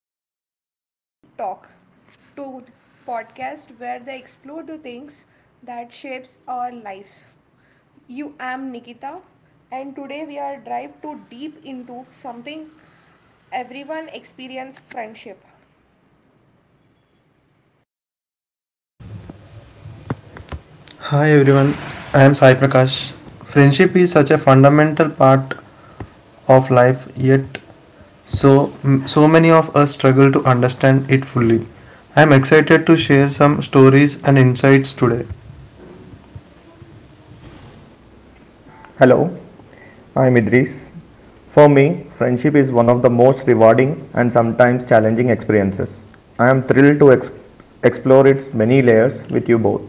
Welcome to Deep Talk, to podcast where they explore the things that shapes our life. You am Nikita, and today we are dive too deep into something everyone experience friendship. Hi everyone, I am Sai Prakash. Friendship is such a fundamental part of life, yet so so many of us struggle to understand it fully. I am excited to share some stories and insights today. Hello, I'm Idris. For me, friendship is one of the most rewarding and sometimes challenging experiences. I am thrilled to explore its many layers with you both.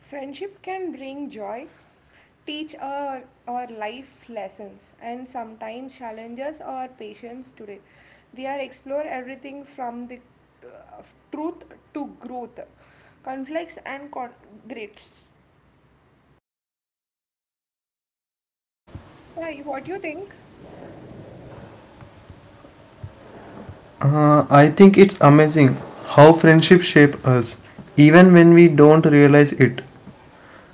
Friendship can bring joy, teach our life lessons, and sometimes challenges our patience today. We are explore everything from the uh, truth to growth, conflicts and grits. So, what do you think? I think it's amazing how friendship shape us, even when we don't realize it.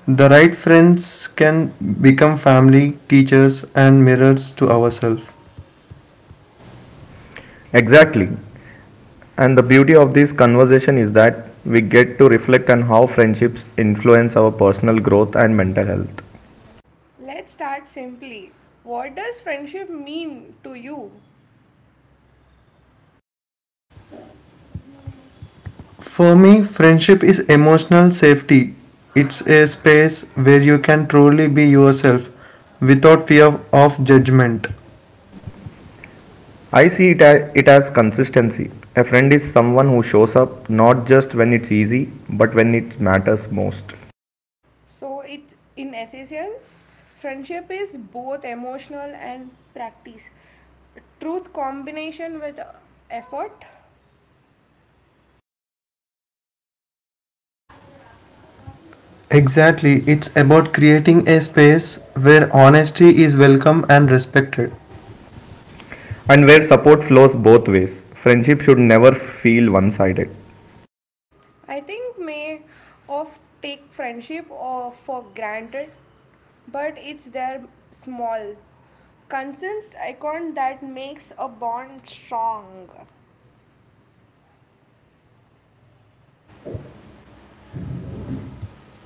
The right friends can become family, teachers, and mirrors to ourselves. Exactly. And the beauty of this conversation is that we get to reflect on how friendships influence our personal growth and mental health. Let's start simply. What does friendship mean to you? For me, friendship is emotional safety. It's a space where you can truly be yourself without fear of judgment. I see it as consistency. A friend is someone who shows up not just when it's easy, but when it matters most. So it in essence, friendship is both emotional and practice. Truth combination with effort. Exactly, it's about creating a space where honesty is welcome and respected. And where support flows both ways. Friendship should never feel one sided. I think may of take friendship or for granted, but it's their small consensed icon that makes a bond strong.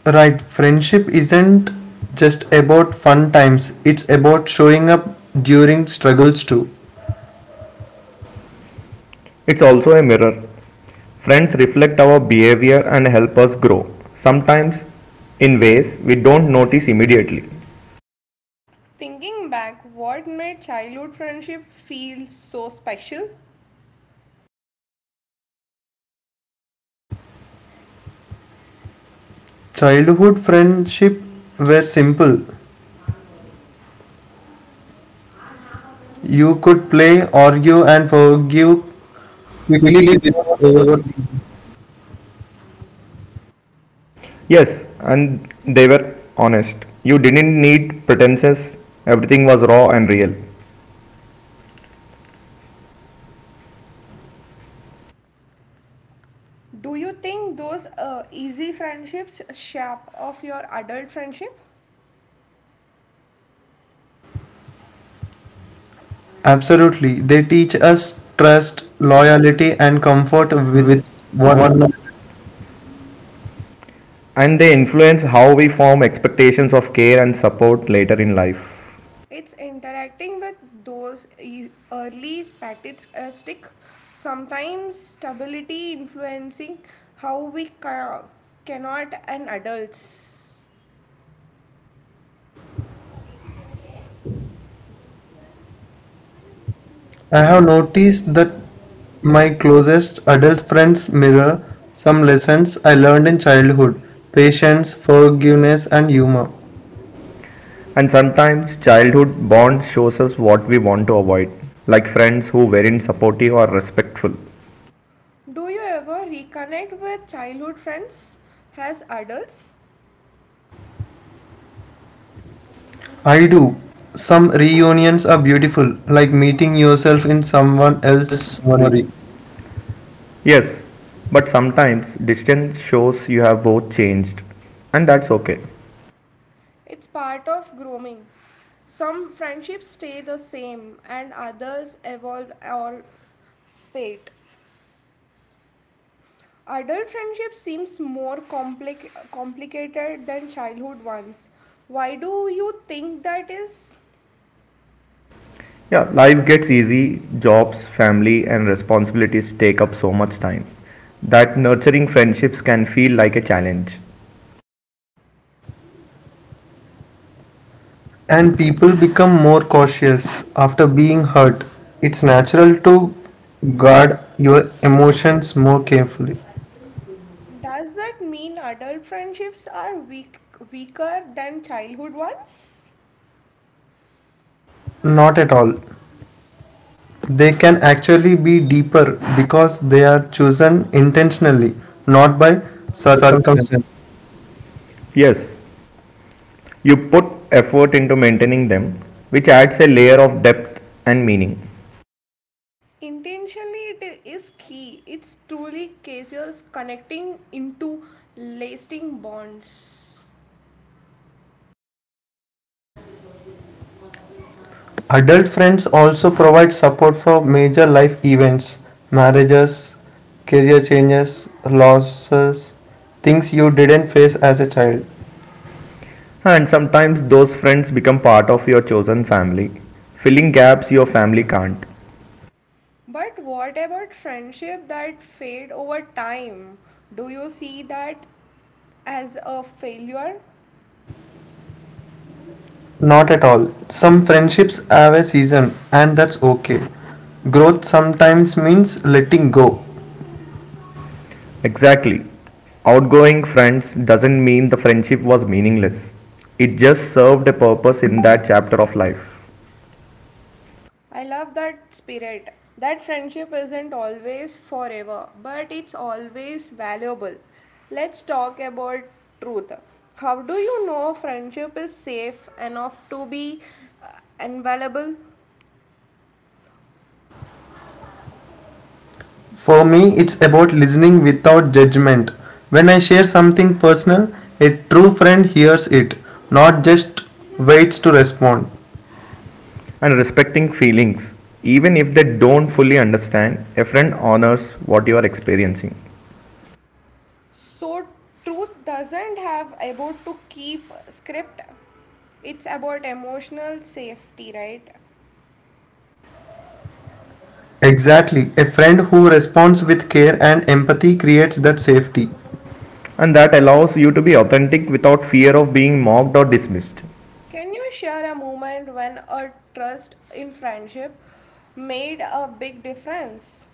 Right, friendship isn't just about fun times, it's about showing up during struggles too. It's also a mirror. Friends reflect our behavior and help us grow, sometimes in ways we don't notice immediately. Thinking back, what made childhood friendship feel so special? Childhood friendship were simple. You could play, argue, and forgive quickly Quickly without without overthinking. overthinking. Yes, and they were honest. You didn't need pretenses, everything was raw and real. Do you think those easy friendships shape of your adult friendship? Absolutely. They teach us trust, loyalty, and comfort with one another. And they influence how we form expectations of care and support later in life. It's interacting with those early spats stick. Sometimes stability influencing how we cannot an adults. I have noticed that my closest adult friends mirror some lessons I learned in childhood patience, forgiveness, and humor. And sometimes childhood bonds shows us what we want to avoid, like friends who weren't supportive or respectful. Do you ever reconnect with childhood friends as adults? I do. Some reunions are beautiful, like meeting yourself in someone else's Else memory. worry. Yes, but sometimes distance shows you have both changed, and that's okay. It's part of growing. Some friendships stay the same and others evolve or fade. Adult friendship seems more complicated than childhood ones. Why do you think that is? Yeah, life gets easy, jobs, family, and responsibilities take up so much time that nurturing friendships can feel like a challenge. And people become more cautious after being hurt. It's natural to guard your emotions more carefully. Does that mean adult friendships are weaker than childhood ones? Not at all. They can actually be deeper because they are chosen intentionally, not by circumstance. Circumstance. Yes, you put effort into maintaining them, which adds a layer of depth and meaning. Intentionally, is key. It's truly cases connecting into lasting bonds. Adult friends also provide support for major life events, marriages, career changes, losses, things you didn't face as a child. And sometimes those friends become part of your chosen family, filling gaps your family can't. But what about friendship that fade over time? Do you see that as a failure? Not at all. Some friendships have a season, and that's okay. Growth sometimes means letting go. Exactly. Outgoing friends doesn't mean the friendship was meaningless. It just served a purpose in that chapter of life. I love that spirit. That friendship isn't always forever, but it's always valuable. Let's talk about truth. How do you know friendship is safe enough to be uh, invaluable? For me, it's about listening without judgment. When I share something personal, a true friend hears it, not just waits to respond. And respecting feelings, even if they don't fully understand, a friend honors what you are experiencing. So, truth doesn't have about to keep script. It's about emotional safety, right? Exactly, a friend who responds with care and empathy creates that safety. And that allows you to be authentic without fear of being mocked or dismissed. Can you share a moment when a trust in friendship made a big difference?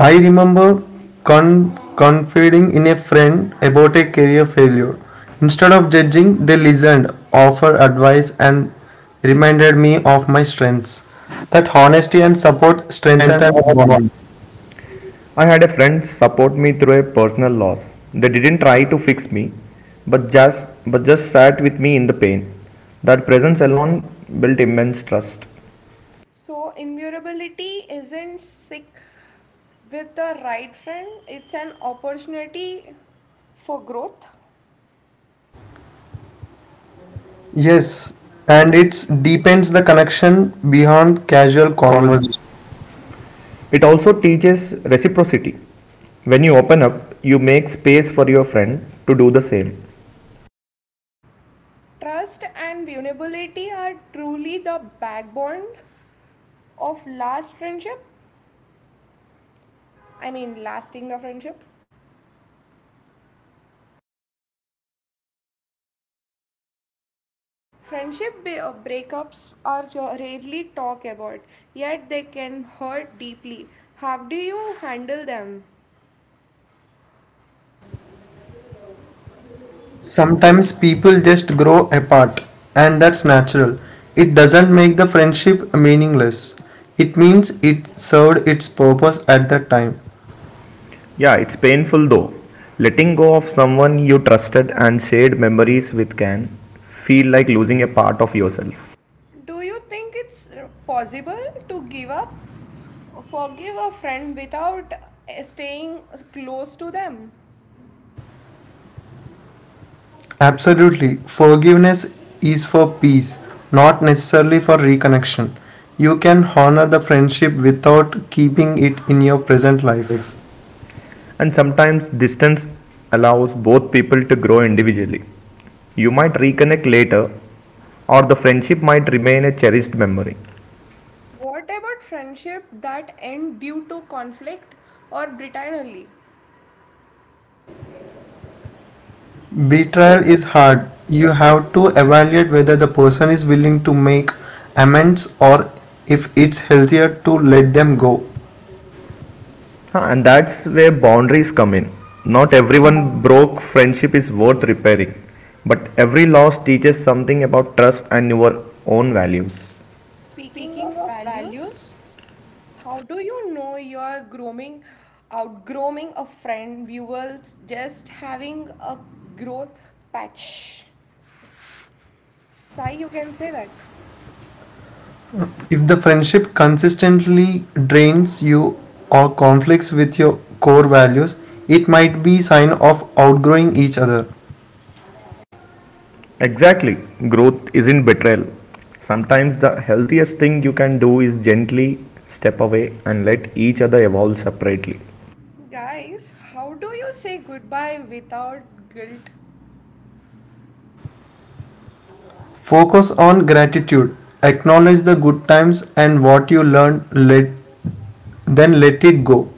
I remember confiding in a friend about a career failure. Instead of judging, they listened, offered advice, and reminded me of my strengths. That honesty and support strengthened Strengthen our our bond. bond. I had a friend support me through a personal loss. They didn't try to fix me, but just sat with me in the pain. That presence alone built immense trust. So, invulnerability isn't sick with the right friend, it's an opportunity for growth. Yes, and it deepens the connection beyond casual Real conversation. conversation. It also teaches reciprocity. When you open up, you make space for your friend to do the same. Trust and vulnerability are truly the backbone of last friendship. I mean, lasting the friendship. Friendship breakups are rarely talked about, yet they can hurt deeply. How do you handle them? Sometimes people just grow apart, and that's natural. It doesn't make the friendship meaningless. It means it served its purpose at that time. Yeah, it's painful though. Letting go of someone you trusted and shared memories with can feel like losing a part of yourself. Do you think it's possible to give up Forgive a friend without staying close to them. Absolutely, forgiveness is for peace, not necessarily for reconnection. You can honor the friendship without keeping it in your present life. Life. And sometimes distance allows both people to grow individually. You might reconnect later, or the friendship might remain a cherished memory. What about friendship that end due to conflict or britantly? Betrayal is hard. You have to evaluate whether the person is willing to make amends or if it's healthier to let them go. And that's where boundaries come in. Not everyone broke friendship is worth repairing, but every loss teaches something about trust and your own values. Speaking of values, how do you know you're grooming, outgrowing a friend? You will just having a growth patch. Sigh, you can say that. If the friendship consistently drains you or conflicts with your core values, it might be a sign of outgrowing each other. Exactly, growth isn't betrayal. Sometimes the healthiest thing you can do is gently step away and let each other evolve separately. Guys, how do you say goodbye without guilt? Focus on gratitude. Acknowledge the good times and what you learned, then let it go.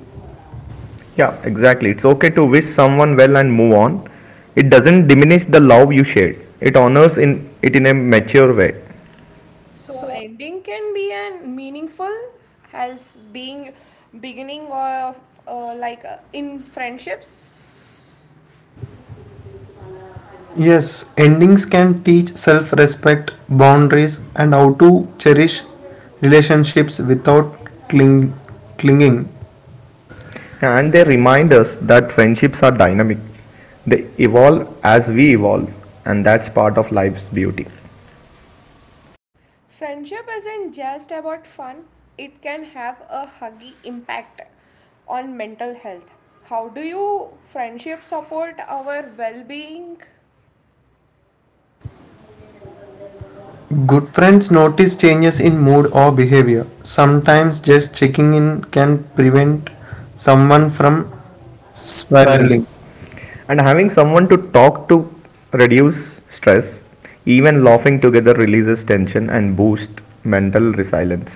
Yeah, exactly. It's okay to wish someone well and move on. It doesn't diminish the love you shared. It honors in a mature way. So ending can be an meaningful as being beginning of in friendships. Yes, endings can teach self respect, boundaries, and how to cherish relationships without cling- clinging. And they remind us that friendships are dynamic. They evolve as we evolve, and that's part of life's beauty. Friendship isn't just about fun. It can have a huggy impact on mental health. How do you friendship support our well-being? Good friends notice changes in mood or behavior. Sometimes just checking in can prevent someone from spiraling. Spiraling. And having someone to talk to reduce stress, even laughing together releases tension and boosts mental resilience.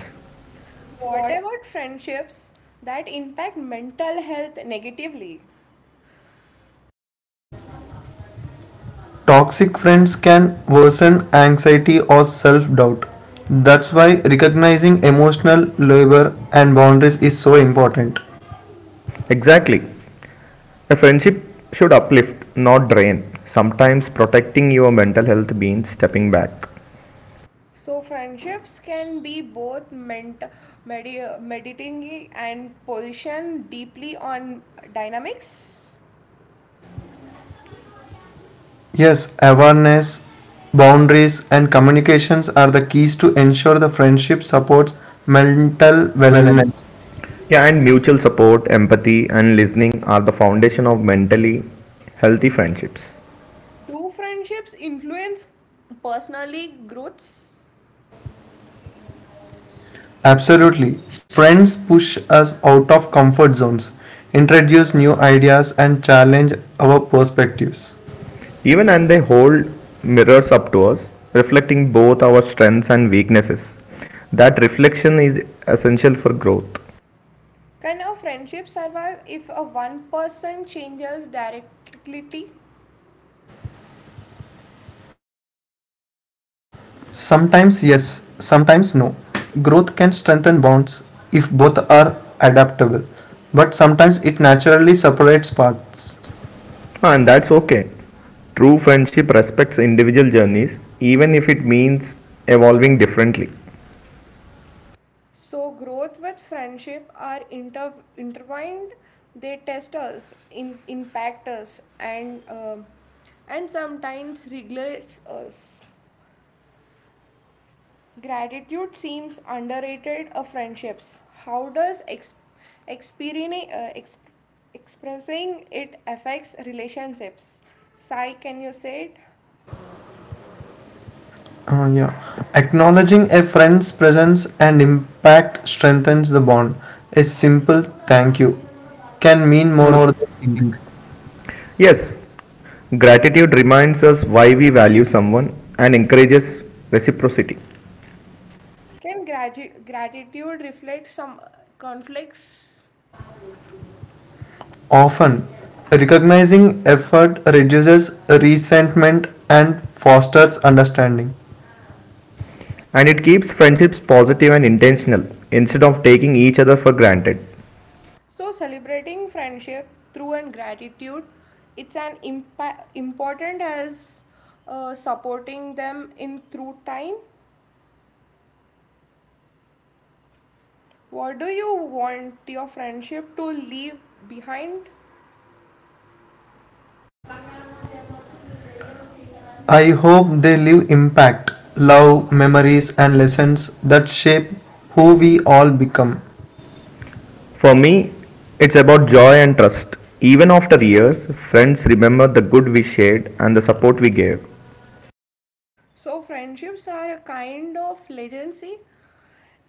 What about friendships that impact mental health negatively? Toxic friends can worsen anxiety or self doubt. That's why recognizing emotional labor and boundaries is so important. Exactly. A friendship should uplift, not drain. Sometimes protecting your mental health means stepping back. So friendships can be both meditating and position deeply on dynamics. Yes, awareness, boundaries, and communications are the keys to ensure the friendship supports mental wellness. Wellness. Yeah, and mutual support, empathy, and listening are the foundation of mentally healthy friendships. Do friendships influence personally growths? Absolutely. Friends push us out of comfort zones, introduce new ideas, and challenge our perspectives. Even and they hold mirrors up to us, reflecting both our strengths and weaknesses. That reflection is essential for growth, Can a friendship survive if a one person changes directly? Sometimes yes, sometimes no. Growth can strengthen bonds if both are adaptable, but sometimes it naturally separates paths. and that's okay. True friendship respects individual journeys, even if it means evolving differently. So growth with friendship are intertwined. They test us, impact us, and sometimes regulates us. Gratitude seems underrated of friendships. How does experience, uh, ex- expressing it affects relationships? Sai, can you say it? Yeah. Acknowledging a friend's presence and impact strengthens the bond. A simple thank you can mean Mean more than more you than think. think. Yes, gratitude reminds us why we value someone and encourages reciprocity. Can gratitude reflect some conflicts? Often, recognizing effort reduces resentment and fosters understanding. And it keeps friendships positive and intentional instead of taking each other for granted. So, celebrating friendship through and gratitude, it's an important as supporting them in through time. What do you want your friendship to leave behind? I hope they leave impact, love, memories, and lessons that shape who we all become. For me, it's about joy and trust. Even after years, friends remember the good we shared and the support we gave. So, friendships are a kind of legacy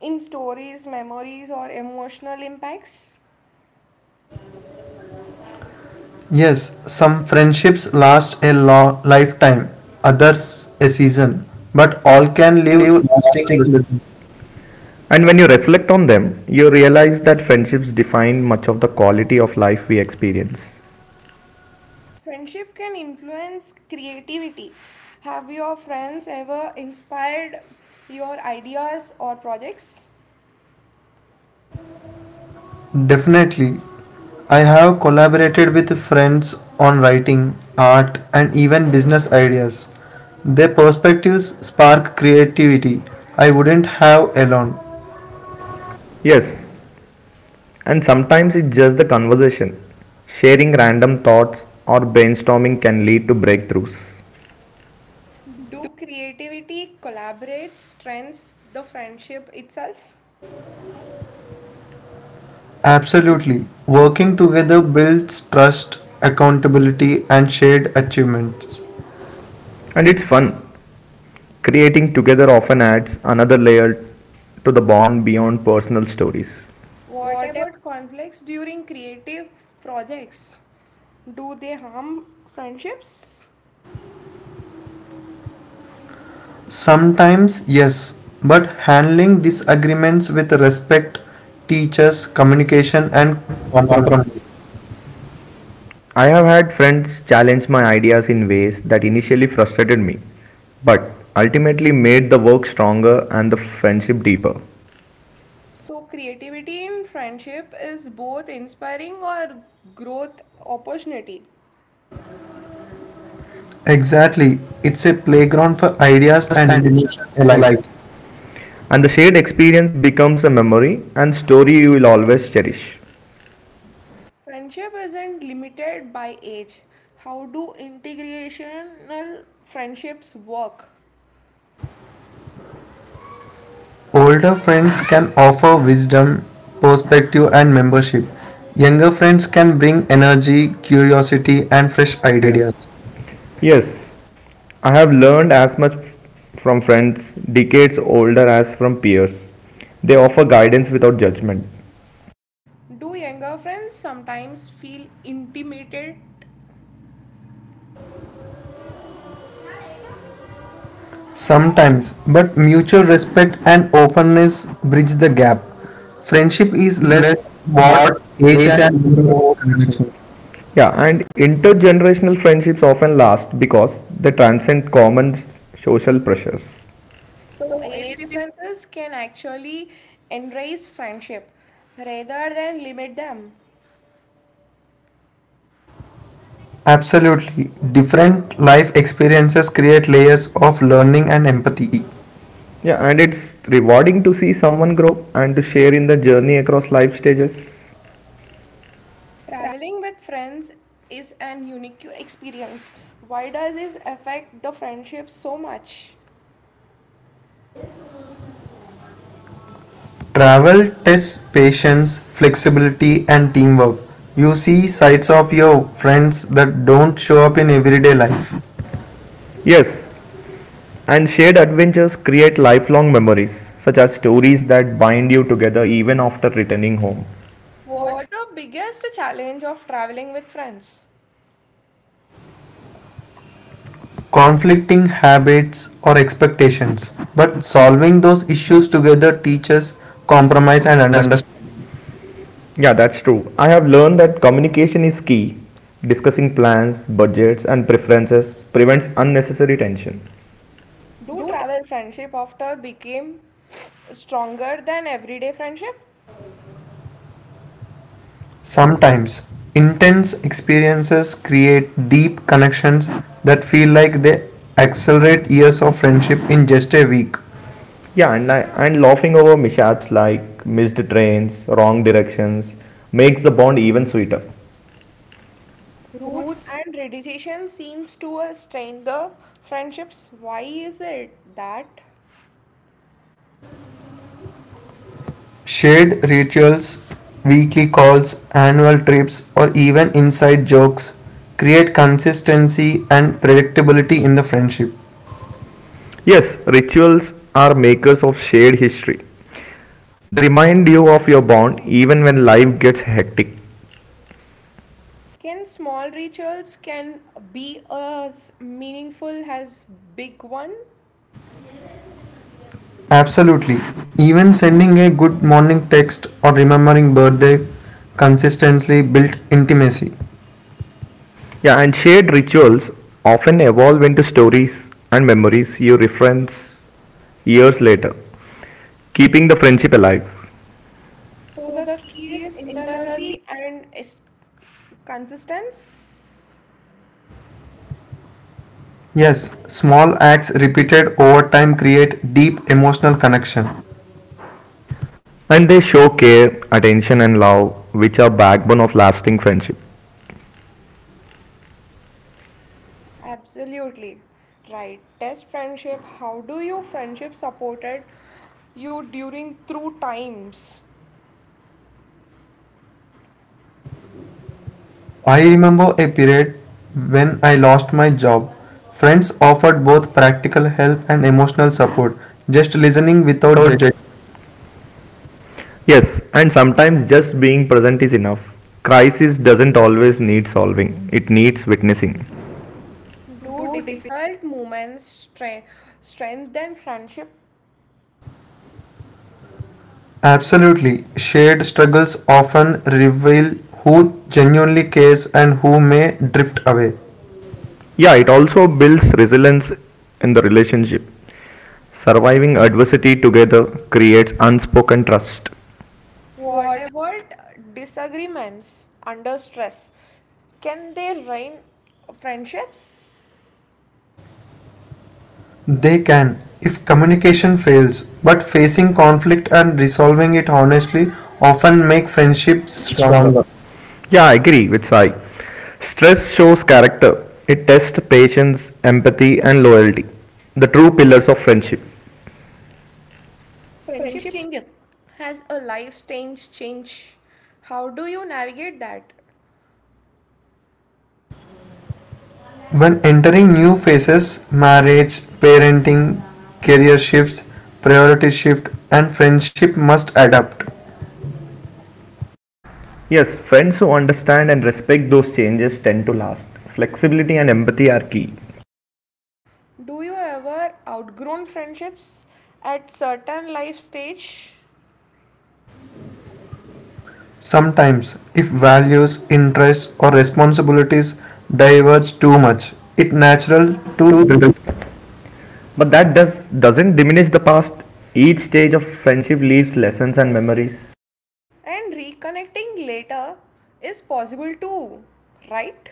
in stories, memories, or emotional impacts. Yes, some friendships last a lifetime, others a season, but all can Can leave leave lasting lasting lessons. lessons. And when you reflect on them, you realize that friendships define much of the quality of life we experience. Friendship can influence creativity. Have your friends ever inspired your ideas or projects? Definitely. I have collaborated with friends on writing, art, and even business ideas. Their perspectives spark creativity I wouldn't have alone. Yes, and sometimes it's just the conversation. Sharing random thoughts or brainstorming can lead to breakthroughs. Do creativity collaborate strengths the friendship itself? Absolutely. Working together builds trust, accountability, and shared achievements. And it's fun. Creating together often adds another layer to the bond beyond personal stories. What about conflicts during creative projects? Do they harm friendships? Sometimes, yes, but handling disagreements with respect teaches communication and And compromise. compromise. I have had friends challenge my ideas in ways that initially frustrated me, but ultimately made the work stronger and the friendship deeper. So, creativity in friendship is both inspiring or growth opportunity. Exactly, it's a playground for ideas Ideas and and emotions emotions alike. alike. And the shared experience becomes a memory and story you will always cherish. Friendship isn't limited by age. How do integrational friendships work? Older friends can offer wisdom, perspective, and membership. Younger friends can bring energy, curiosity, and fresh ideas. Ideas. Yes, I have learned as much from friends decades older as from peers. They offer guidance without judgment. Do younger friends sometimes feel intimidated? Sometimes, but mutual respect and openness bridge the gap. Friendship is Is less less what what age age and and more more about about connection. connection. Yeah, and intergenerational friendships often last because they transcend common social pressures. So, age differences can actually enrich friendship rather than limit them. Absolutely. Different life experiences create layers of learning and empathy. Empathy. Yeah, and it's rewarding to see someone grow and to share in the journey across life stages. Traveling with friends is an unique experience. Why does this affect the friendship so much? Travel tests patience, flexibility, and teamwork. You see sides of your friends that don't show up in everyday life. Yes, and shared adventures create lifelong memories, such as stories that bind you together even after returning home. What's the biggest challenge of traveling with friends? Conflicting habits or expectations. But solving those issues together teaches compromise Yes, and and understanding. understand. Yeah, that's true. I have learned that communication is key. Discussing plans, budgets, and preferences prevents unnecessary tension. Do travel friendship after became stronger than everyday friendship? Sometimes, intense experiences create deep connections that feel like they accelerate years of friendship in just a week. Yeah, and laughing over mishaps like missed trains, wrong directions makes the bond even sweeter. Roots and tradition seems to strain the friendships. Why is it that? Shared rituals, weekly calls, annual trips, or even inside jokes create consistency and predictability in the friendship. Yes, rituals are makers of shared history. They remind you of your bond even when life gets hectic. Can small rituals can be as meaningful as big one? Absolutely. Even sending a good morning text or remembering birthday consistently built intimacy. Yeah, and shared rituals often evolve into stories and memories you reference years later, keeping the friendship alive. So the key is internally and is consistence. Yes, small acts repeated over time create deep emotional connection. And they show care, attention, and love, which are backbone of lasting friendship. Absolutely right. Test friendship. How do you friendship supported you during through times? I remember a period when I lost my job. Friends offered both practical help and emotional support, just listening without Without judgment. judgment. Yes, and sometimes just being present is enough. Crisis doesn't always need solving, it needs witnessing. Do difficult moments strengthen friendship? Absolutely, shared struggles often reveal who genuinely cares and who may drift away. Yeah, it also builds resilience in the relationship. Surviving adversity together creates unspoken trust. What about disagreements under stress? Can they ruin friendships? They can, if communication fails, but facing conflict and resolving it honestly often make friendships Ships stronger. stronger. Yeah, I agree with Sai. Stress shows character. It tests patience, empathy, and loyalty, the true pillars of friendship. Friendship changes. Has a life change change? How do you navigate that? When entering new phases, marriage, parenting, career shifts, priority shift, and friendship must adapt. Yes, friends who understand and respect those changes tend to last. Flexibility and empathy are key. Do you ever outgrown friendships at certain life stage Sometimes, if values, interests, or responsibilities diverge too much, it's natural Well, to drift. but that doesn't diminish the past. Each stage of friendship leaves lessons and memories. and reconnecting later is possible too, right?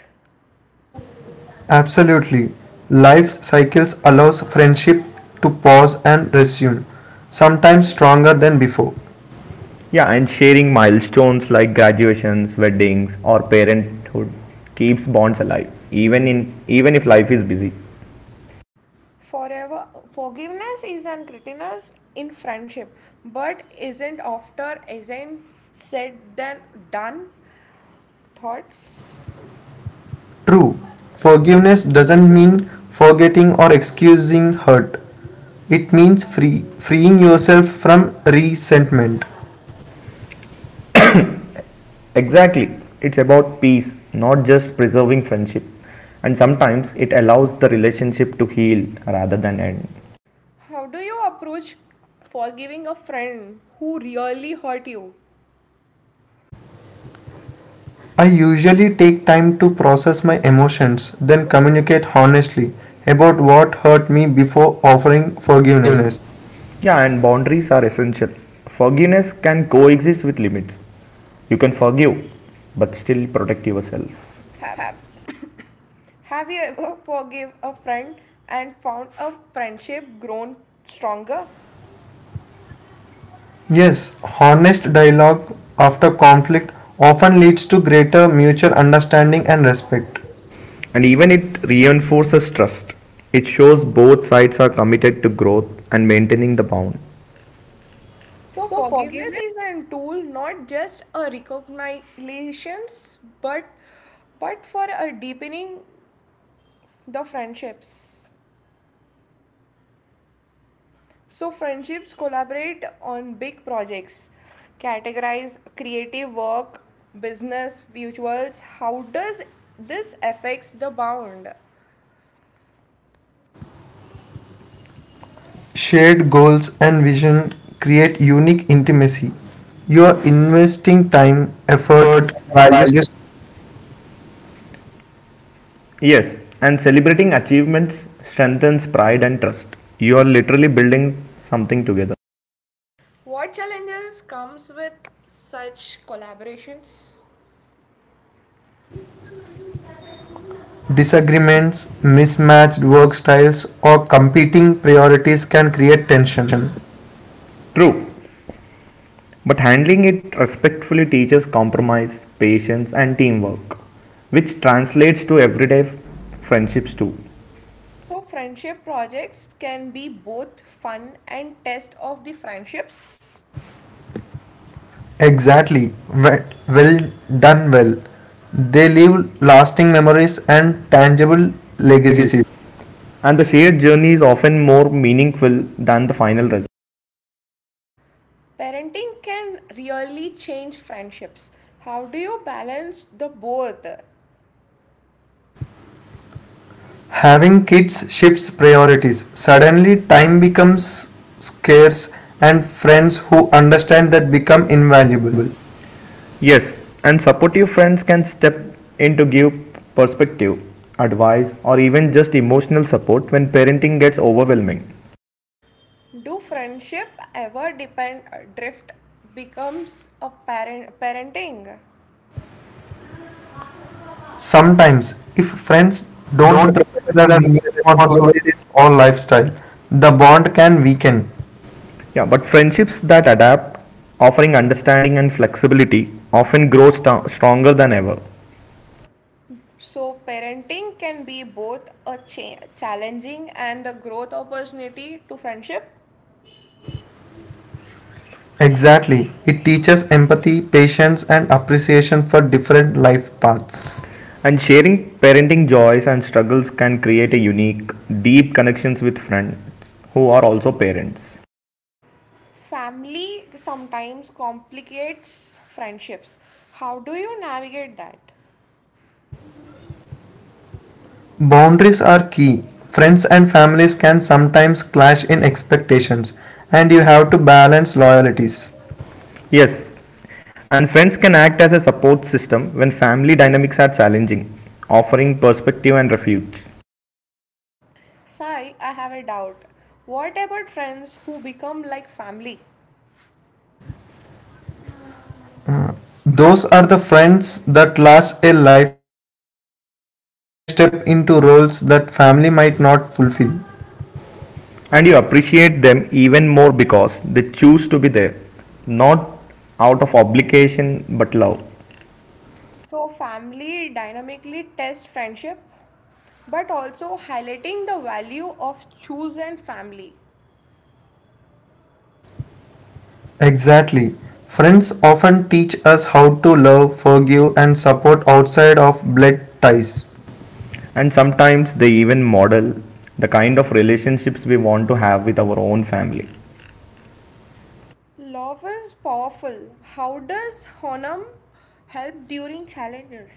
Absolutely. Life's cycles allows friendship to pause and resume, sometimes stronger than before. Yeah, and sharing milestones like graduations, weddings, or parenthood keeps bonds alive, even if life is busy. Forever forgiveness is an criticism in friendship, but isn't after isn't said than done. Thoughts? True, forgiveness doesn't mean forgetting or excusing hurt. It means freeing yourself from resentment. Exactly. It's about peace, not just preserving friendship. And sometimes it allows the relationship to heal rather than end. How do you approach forgiving a friend who really hurt you? I usually take time to process my emotions, then communicate honestly about what hurt me before offering forgiveness. Forgiveness. Yeah, and boundaries are essential. Forgiveness can coexist with limits. You can forgive, but still protect yourself. Have Have you ever forgive a friend and found a friendship grown stronger? Yes, honest dialogue after conflict often leads to greater mutual understanding and respect. And even it reinforces trust. It shows both sides are committed to growth and maintaining the bond. So forgiveness is a tool not just a recognition but but for a deepening the friendships. So friendships collaborate on big projects, categorize creative work, business, visuals. How does this affects the bound? Shared goals and vision create unique intimacy. You are investing time, effort, Effort. and values. Values Yes, and celebrating achievements strengthens pride and trust. You are literally building something together. What challenges comes with such collaborations? Disagreements, mismatched work styles, or competing priorities can create tension. Tension. True, but handling it respectfully teaches compromise, patience, and teamwork, which translates to everyday friendships too. So friendship projects can be both fun and test of the friendships. Exactly. We- Well done, well. They leave lasting memories and tangible legacies. Legacies. And the shared journey is often more meaningful than the final result. Parenting can really change friendships. How do you balance the both? Having kids shifts priorities. Suddenly, time becomes scarce, and friends who understand that become invaluable. Valuable. Yes, and supportive friends can step in to give perspective, advice, or even just emotional support when parenting gets overwhelming. Do friendship ever depend drift becomes a parent parenting? Sometimes, if friends don't Don't respect expect their the new new responsibilities responsibilities. or lifestyle, the bond can weaken. Yeah, but friendships that adapt, offering understanding and flexibility, often grow stronger than ever. So parenting can be both a challenging and a growth opportunity to friendship. Exactly, it teaches empathy, patience, and appreciation for different life paths. Paths. And sharing parenting joys and struggles can create a unique, deep connections with friends who are also parents. Family sometimes complicates friendships. How do you navigate that? Boundaries are key. Friends and families can sometimes clash in expectations, and you have to balance loyalties. Yes, and friends can act as a support system when family dynamics are challenging, offering perspective and refuge. Sai, I have a doubt. What about friends who become like family? Those are the friends that last a lifetime. They step into roles that family might not fulfill. And you appreciate them even more because they choose to be there, not out of obligation but love. So, family dynamically tests friendship, but also highlighting the value of chosen family. Exactly. Friends often teach us how to love, forgive, and support outside of blood ties. And sometimes they even model the kind of relationships we want to have with our own family. Love is powerful. How does Honam help during challenges?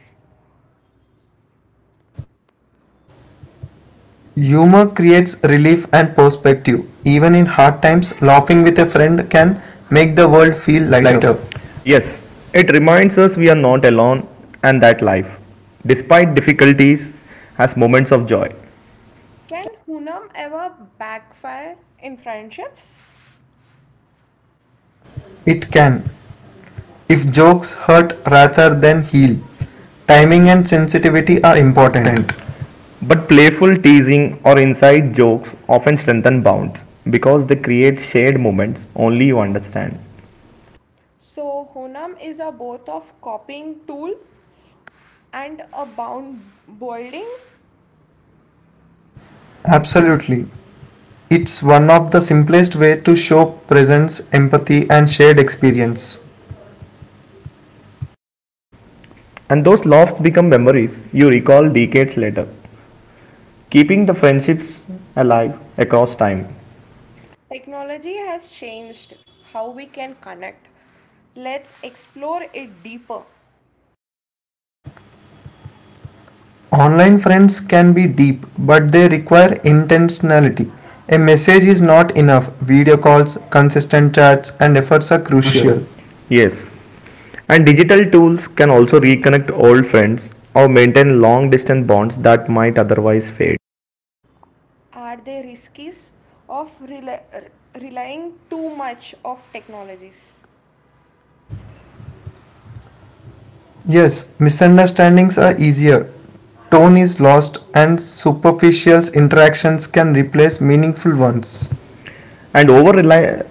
Humor creates relief and perspective. Even in hard times, laughing with a friend can make the world feel Feel lighter. lighter. Yes, it reminds us we are not alone and that life, despite difficulties, has moments of joy. Can Honam ever backfire in friendships? It can, if jokes hurt rather than heal. Timing and sensitivity are important. Important. But playful teasing or inside jokes often strengthen bonds because they create shared moments only you understand. So Honam is a both of copying tool and a bound building. Absolutely. It's one of the simplest way to show presence, empathy and shared experience. And those laughs become memories you recall decades later, keeping the friendships alive across time. Technology has changed how we can connect. Let's explore it deeper. Online friends can be deep, but they require intentionality. A message is not enough. Video calls, consistent chats, and efforts are crucial. Crucial. Yes. And digital tools can also reconnect old friends or maintain long distance bonds that might otherwise fade. Are there risks of relying too much of technologies? Yes, misunderstandings are easier. Tone is lost, and superficial interactions can replace meaningful ones. Once. And over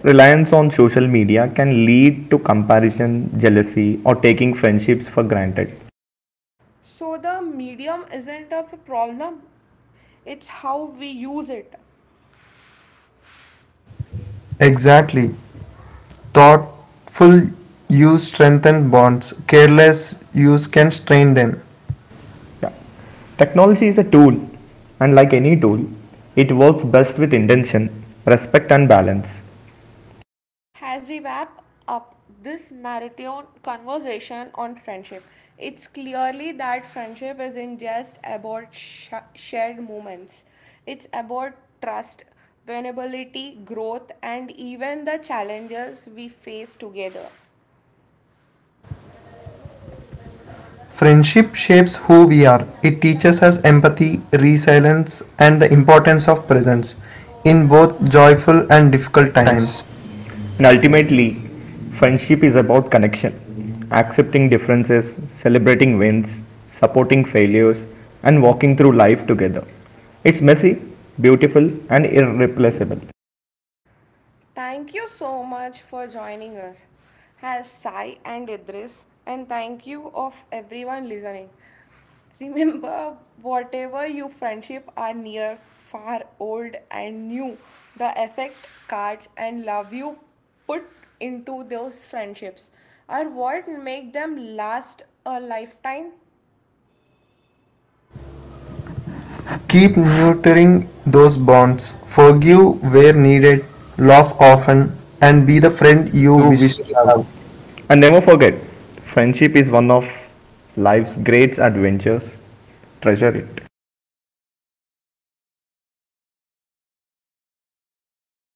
reliance on social media can lead to comparison, jealousy, or taking friendships for granted. So the medium isn't a problem, it's how we use it. Exactly. Thoughtful use strengthens bonds, careless use can strain them. Yeah. Technology is a tool, and like any tool, it works best with intention, respect, and balance. As we wrap up this marathon conversation on friendship, it's clearly that friendship isn't just about shared moments, it's about trust, vulnerability, growth, and even the challenges we face together. Friendship shapes who we are. It teaches us empathy, resilience, and the importance of presence in both joyful and difficult times. Times And ultimately, friendship is about connection, accepting differences, celebrating wins, supporting failures, and walking through life together. It's messy, beautiful, and irreplaceable. Thank you so much for joining us. As Sai and Idris, and thank you of everyone listening. Remember, whatever your friendship are near, far, old and new, the effect, cards and love you put into those friendships are what make them last a lifetime. Keep nurturing those bonds. Forgive where needed, laugh often, and be the friend you You wish wish to to have. have. And never forget, friendship is one of life's great adventures. Treasure it.